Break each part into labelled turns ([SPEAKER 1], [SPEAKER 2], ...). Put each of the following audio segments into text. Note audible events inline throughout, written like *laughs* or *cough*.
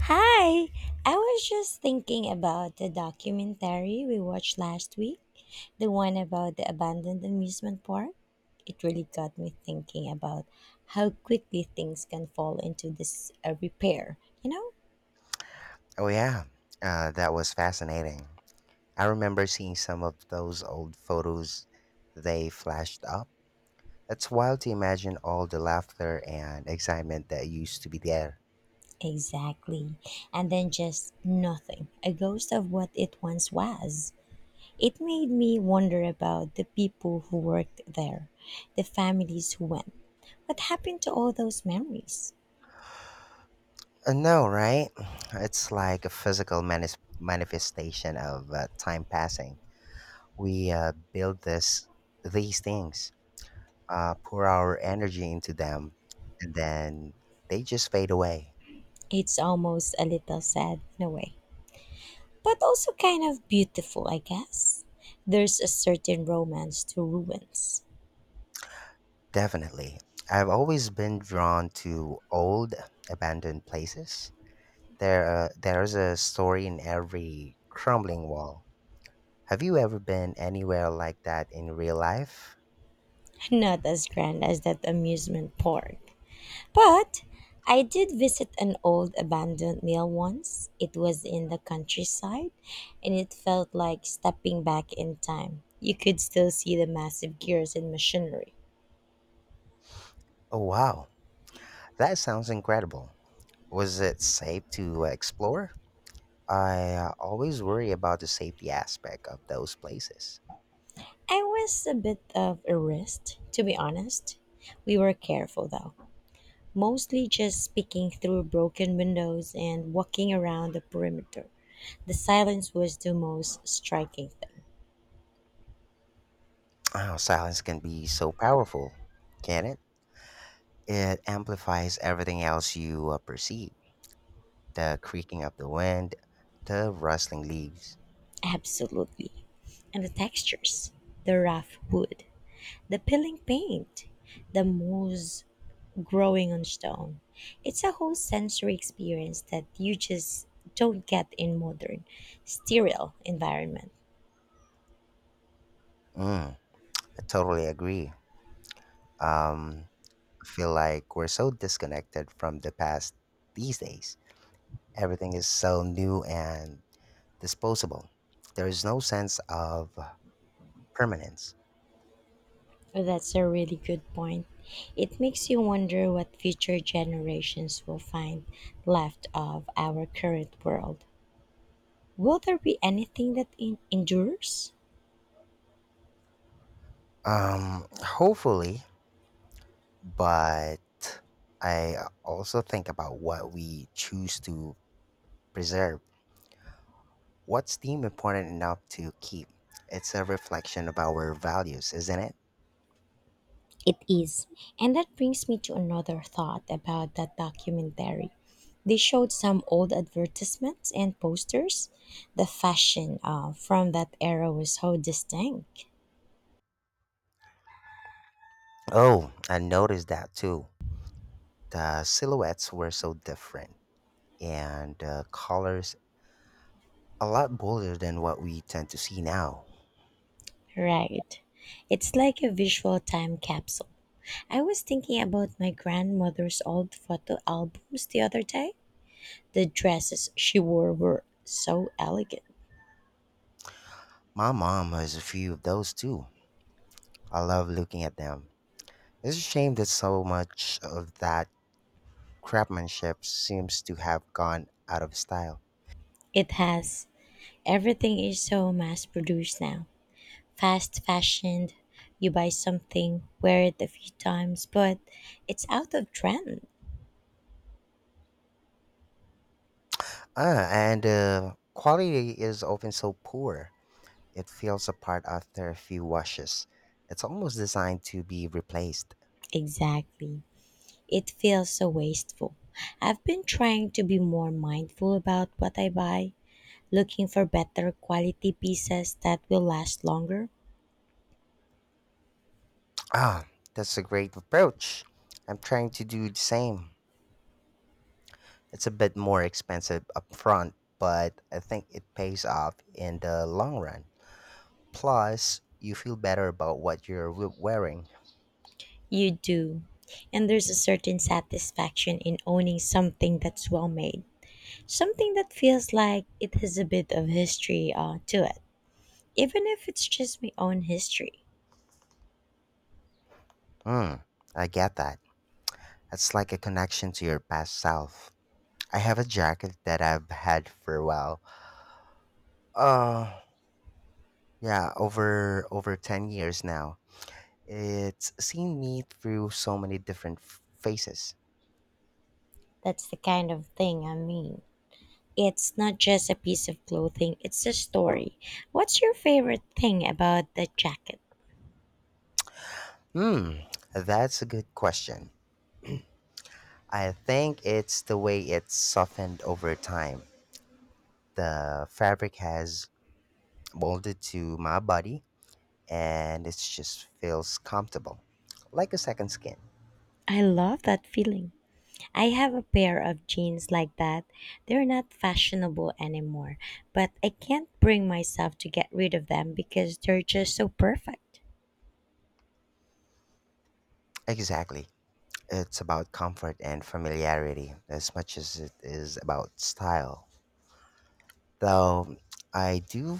[SPEAKER 1] Hi! I was just thinking about the documentary we watched last week, the one about the abandoned amusement park. It really got me thinking about how quickly things can fall into this repair, you know?
[SPEAKER 2] Oh, yeah. That was fascinating. I remember seeing some of those old photos they flashed up. It's wild to imagine all the laughter and excitement that used to be there.
[SPEAKER 1] Exactly. And then just nothing, a ghost of what it once was. It made me wonder about the people who worked there, the families who went. What happened to all those memories?
[SPEAKER 2] No, right? *clears throat* It's like a physical manifestation of time passing. We build these things, pour our energy into them, and then they just fade away.
[SPEAKER 1] It's almost a little sad in a way, but also kind of beautiful, I guess. There's a certain romance to ruins,
[SPEAKER 2] Definitely. I've always been drawn to old, abandoned places. There's a story in every crumbling wall. Have you ever been anywhere like that in real life?
[SPEAKER 1] not as grand as that amusement park. But I did visit an old abandoned mill once. It was in the countryside, and it felt like stepping back in time. You could still see the massive gears and machinery.
[SPEAKER 2] Oh, wow. That sounds incredible. Was it safe to explore? I always worry about the safety aspect of those places.
[SPEAKER 1] I was a bit of a risk, to be honest. We were careful though. Mostly just speaking through broken windows and walking around the perimeter. The silence was the most striking thing.
[SPEAKER 2] Oh, silence can be so powerful, can it? It amplifies everything else you perceive, the creaking of the wind, the rustling leaves.
[SPEAKER 1] Absolutely. And the textures the rough wood, the peeling paint, the moss growing on stone. It's a whole sensory experience that you just don't get in modern, sterile environment.
[SPEAKER 2] Mm, I totally agree. Um, I feel like we're so disconnected from the past these days. Everything is so new and disposable. There is no sense of permanence.
[SPEAKER 1] That's a really good point. It makes you wonder what future generations will find left of our current world. Will there be anything that endures?
[SPEAKER 2] Hopefully, but I also think about what we choose to preserve. What's theme important enough to keep? It's a reflection of our values, isn't it?
[SPEAKER 1] It is. And that brings me to another thought about that documentary. They showed some old advertisements and posters. The fashion from that era was so distinct.
[SPEAKER 2] Oh, I noticed that too. The silhouettes were so different, and the colors a lot bolder than what we tend to see now.
[SPEAKER 1] Right. It's like a visual time capsule. I was thinking about my grandmother's old photo albums the other day. The dresses she wore were so elegant.
[SPEAKER 2] My mom has a few of those too. I love looking at them. It's a shame that so much of that craftsmanship seems to have gone out of style.
[SPEAKER 1] It has everything is so mass produced now. Fast fashioned. You buy something, wear it a few times, but it's out of trend.
[SPEAKER 2] Ah, and quality is often so poor, it falls apart after a few washes. It's almost designed to be replaced.
[SPEAKER 1] Exactly. It feels so wasteful. I've been trying to be more mindful about what I buy, looking for better quality pieces that will last longer.
[SPEAKER 2] Ah, that's a great approach. I'm trying to do the same. It's a bit more expensive upfront, but I think it pays off in the long run. Plus, you feel better about what you're wearing.
[SPEAKER 1] You do. And there's a certain satisfaction in owning something that's well made, something that feels like it has a bit of history to it, even if it's just my own history.
[SPEAKER 2] Hmm, I get that. It's like a connection to your past self. I have a jacket that I've had for a while. Uh yeah, over 10 years now. It's seen me through so many different phases.
[SPEAKER 1] That's the kind of thing I mean. It's not just a piece of clothing, it's a story. What's your favorite thing about that jacket?
[SPEAKER 2] Hmm, that's a good question. I think it's the way it's softened over time. The fabric has molded to my body and it just feels comfortable, like a second skin.
[SPEAKER 1] I love that feeling. I have a pair of jeans like that. They're not fashionable anymore, but I can't bring myself to get rid of them because they're just so perfect.
[SPEAKER 2] Exactly. It's about comfort and familiarity as much as it is about style. Though I do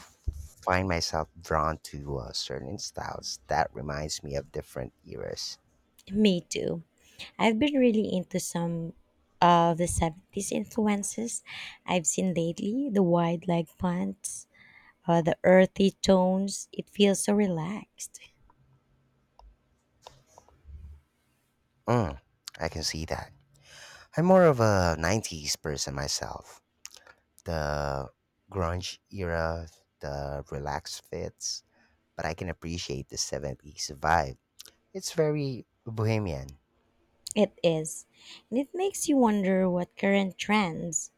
[SPEAKER 2] find myself drawn to certain styles that reminds me of different eras.
[SPEAKER 1] Me too. I've been really into some of the 70s influences I've seen lately the wide leg pants, the earthy tones. It feels so relaxed.
[SPEAKER 2] Mm, I can see that. I'm more of a 90s person myself. The grunge era, the relaxed fits, but I can appreciate the 70s vibe. It's very bohemian.
[SPEAKER 1] It is. And it makes you wonder what current trends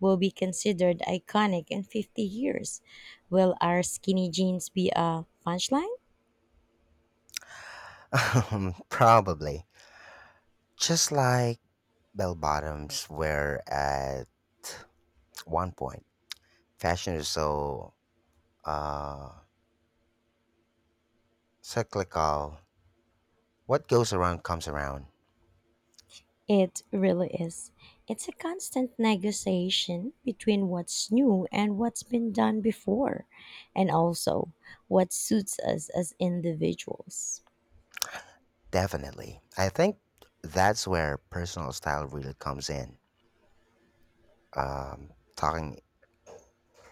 [SPEAKER 1] will be considered iconic in 50 years. Will our skinny jeans be a punchline?
[SPEAKER 2] *laughs* Probably. Just like bell bottoms were at one point. Fashion is so uh, cyclical. What goes around comes around.
[SPEAKER 1] It really is. It's a constant negotiation between what's new and what's been done before, and also what suits us as individuals.
[SPEAKER 2] Definitely. I think that's where personal style really comes in. Um, talking,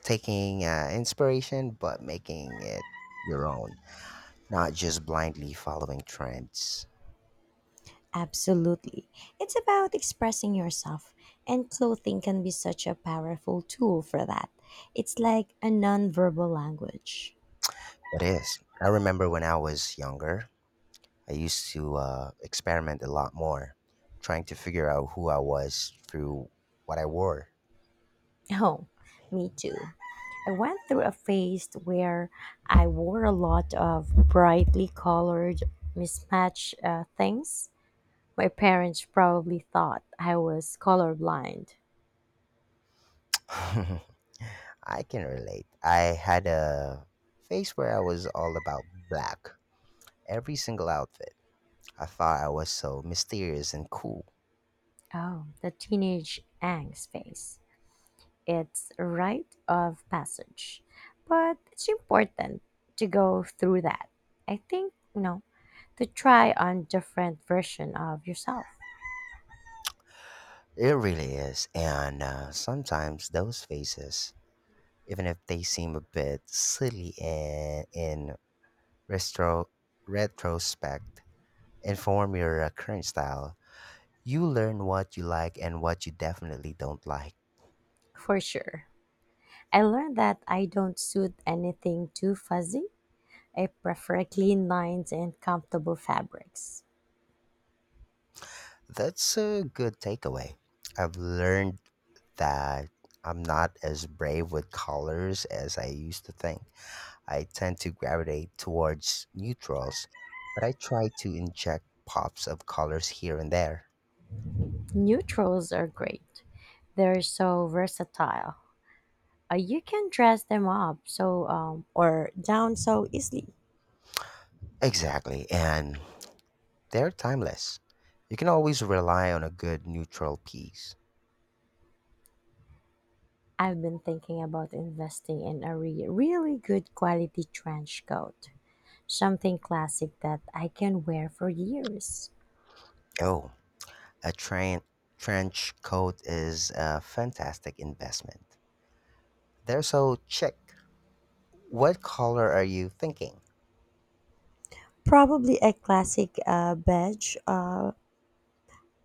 [SPEAKER 2] Taking inspiration, but making it your own, not just blindly following trends.
[SPEAKER 1] Absolutely. It's about expressing yourself, and clothing can be such a powerful tool for that. It's like a nonverbal language.
[SPEAKER 2] It is. I remember when I was younger, I used to experiment a lot more, trying to figure out who I was through what I wore.
[SPEAKER 1] Oh, me too. I went through a phase where I wore a lot of brightly colored, mismatched things. My parents probably thought I was colorblind.
[SPEAKER 2] *laughs* I can relate. I had a phase where I was all about black. Every single outfit. I thought I was so mysterious and cool.
[SPEAKER 1] Oh, the teenage angst phase. It's a rite of passage, but it's important to go through that. I think, you know, to try on different version of yourself.
[SPEAKER 2] It really is. And sometimes those faces, even if they seem a bit silly in retro, retrospect, inform your current style. You learn what you like and what you definitely don't like.
[SPEAKER 1] For sure. I learned that I don't suit anything too fuzzy. I prefer clean lines and comfortable fabrics.
[SPEAKER 2] That's a good takeaway. I've learned that I'm not as brave with colors as I used to think. I tend to gravitate towards neutrals, but I try to inject pops of colors here and there.
[SPEAKER 1] Neutrals are great. They're so versatile. You can dress them up so or down so easily.
[SPEAKER 2] Exactly, and they're timeless. You can always rely on a good neutral piece.
[SPEAKER 1] I've been thinking about investing in a really good quality trench coat, something classic that I can wear for years.
[SPEAKER 2] Oh, a trench coat is a fantastic investment. They're so chic. What color are you thinking?
[SPEAKER 1] Probably a classic beige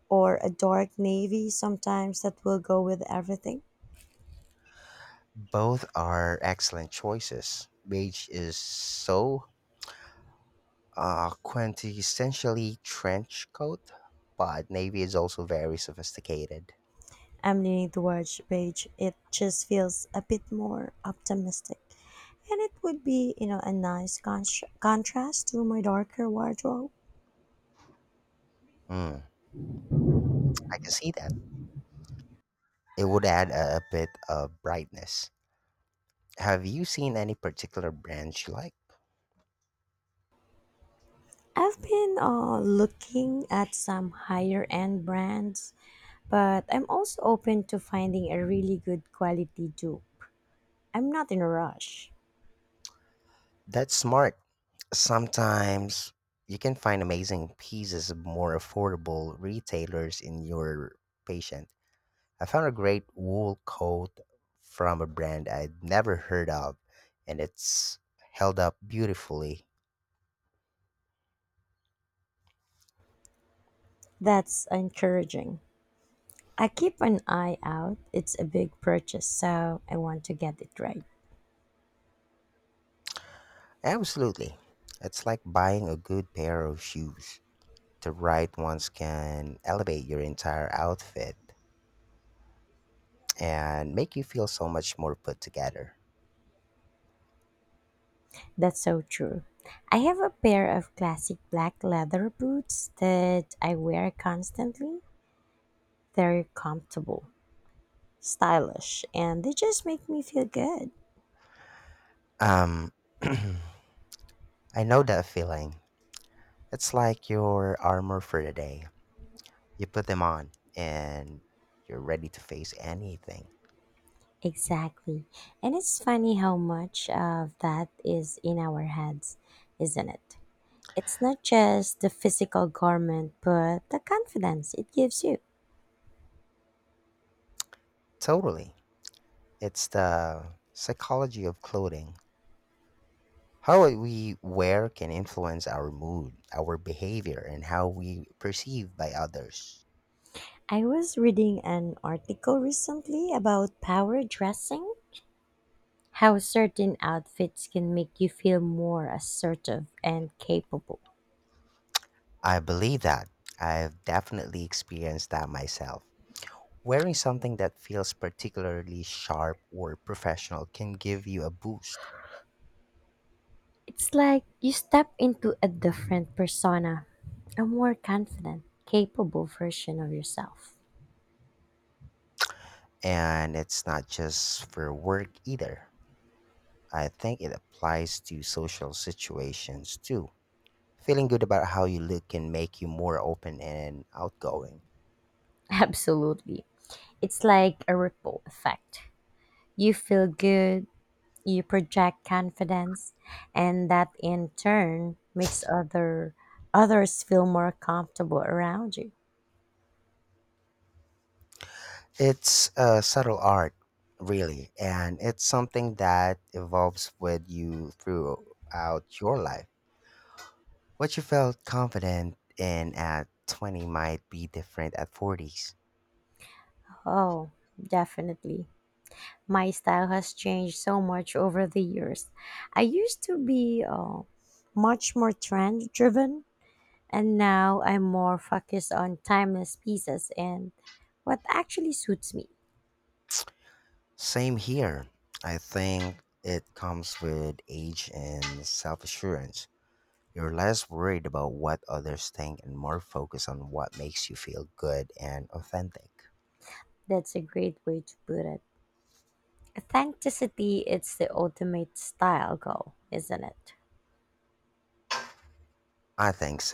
[SPEAKER 1] or a dark navy sometimes that will go with everything.
[SPEAKER 2] Both are excellent choices. Beige is so quintessentially trench coat, but navy is also very sophisticated.
[SPEAKER 1] I'm leaning towards beige. It just feels a bit more optimistic. And it would be, you know, a nice contrast to my darker wardrobe.
[SPEAKER 2] Hmm, I can see that. It would add a bit of brightness. Have you seen any particular brands you like?
[SPEAKER 1] I've been looking at some higher end brands, but I'm also open to finding a really good quality dupe. I'm not in a rush.
[SPEAKER 2] That's smart. Sometimes you can find amazing pieces of more affordable retailers in your patient. I found a great wool coat from a brand I'd never heard of, and it's held up beautifully.
[SPEAKER 1] That's encouraging. I keep an eye out. It's a big purchase, so I want to get it right.
[SPEAKER 2] Absolutely. It's like buying a good pair of shoes. The right ones can elevate your entire outfit and make you feel so much more put together.
[SPEAKER 1] That's so true. I have a pair of classic black leather boots that I wear constantly. They're comfortable, stylish, and they just make me feel good.
[SPEAKER 2] Um, *clears throat* I know that feeling. It's like your armor for the day. You put them on and you're ready to face anything.
[SPEAKER 1] Exactly. And it's funny how much of that is in our heads, isn't it? It's not just the physical garment, but the confidence it gives you.
[SPEAKER 2] Totally. It's the psychology of clothing. How what we wear can influence our mood, our behavior, and how we perceived by others.
[SPEAKER 1] I was reading an article recently about power dressing, how certain outfits can make you feel more assertive and capable.
[SPEAKER 2] I believe that. I've definitely experienced that myself. Wearing something that feels particularly sharp or professional can give you a boost.
[SPEAKER 1] It's like you step into a different persona, a more confident, capable version of yourself.
[SPEAKER 2] And it's not just for work either. I think it applies to social situations too. Feeling good about how you look can make you more open and outgoing.
[SPEAKER 1] *laughs* Absolutely. It's like a ripple effect. You feel good, you project confidence, and that in turn makes others feel more comfortable around you.
[SPEAKER 2] It's a subtle art, really, and it's something that evolves with you throughout your life. What you felt confident in at 20 might be different at 40s.
[SPEAKER 1] Oh, definitely. My style has changed so much over the years. I used to be much more trend driven, and now I'm more focused on timeless pieces and what actually suits me.
[SPEAKER 2] Same here. I think it comes with age and self assurance. You're less worried about what others think and more focused on what makes you feel good and authentic.
[SPEAKER 1] That's a great way to put it. Authenticity, it's the ultimate style goal, isn't it?
[SPEAKER 2] I think so.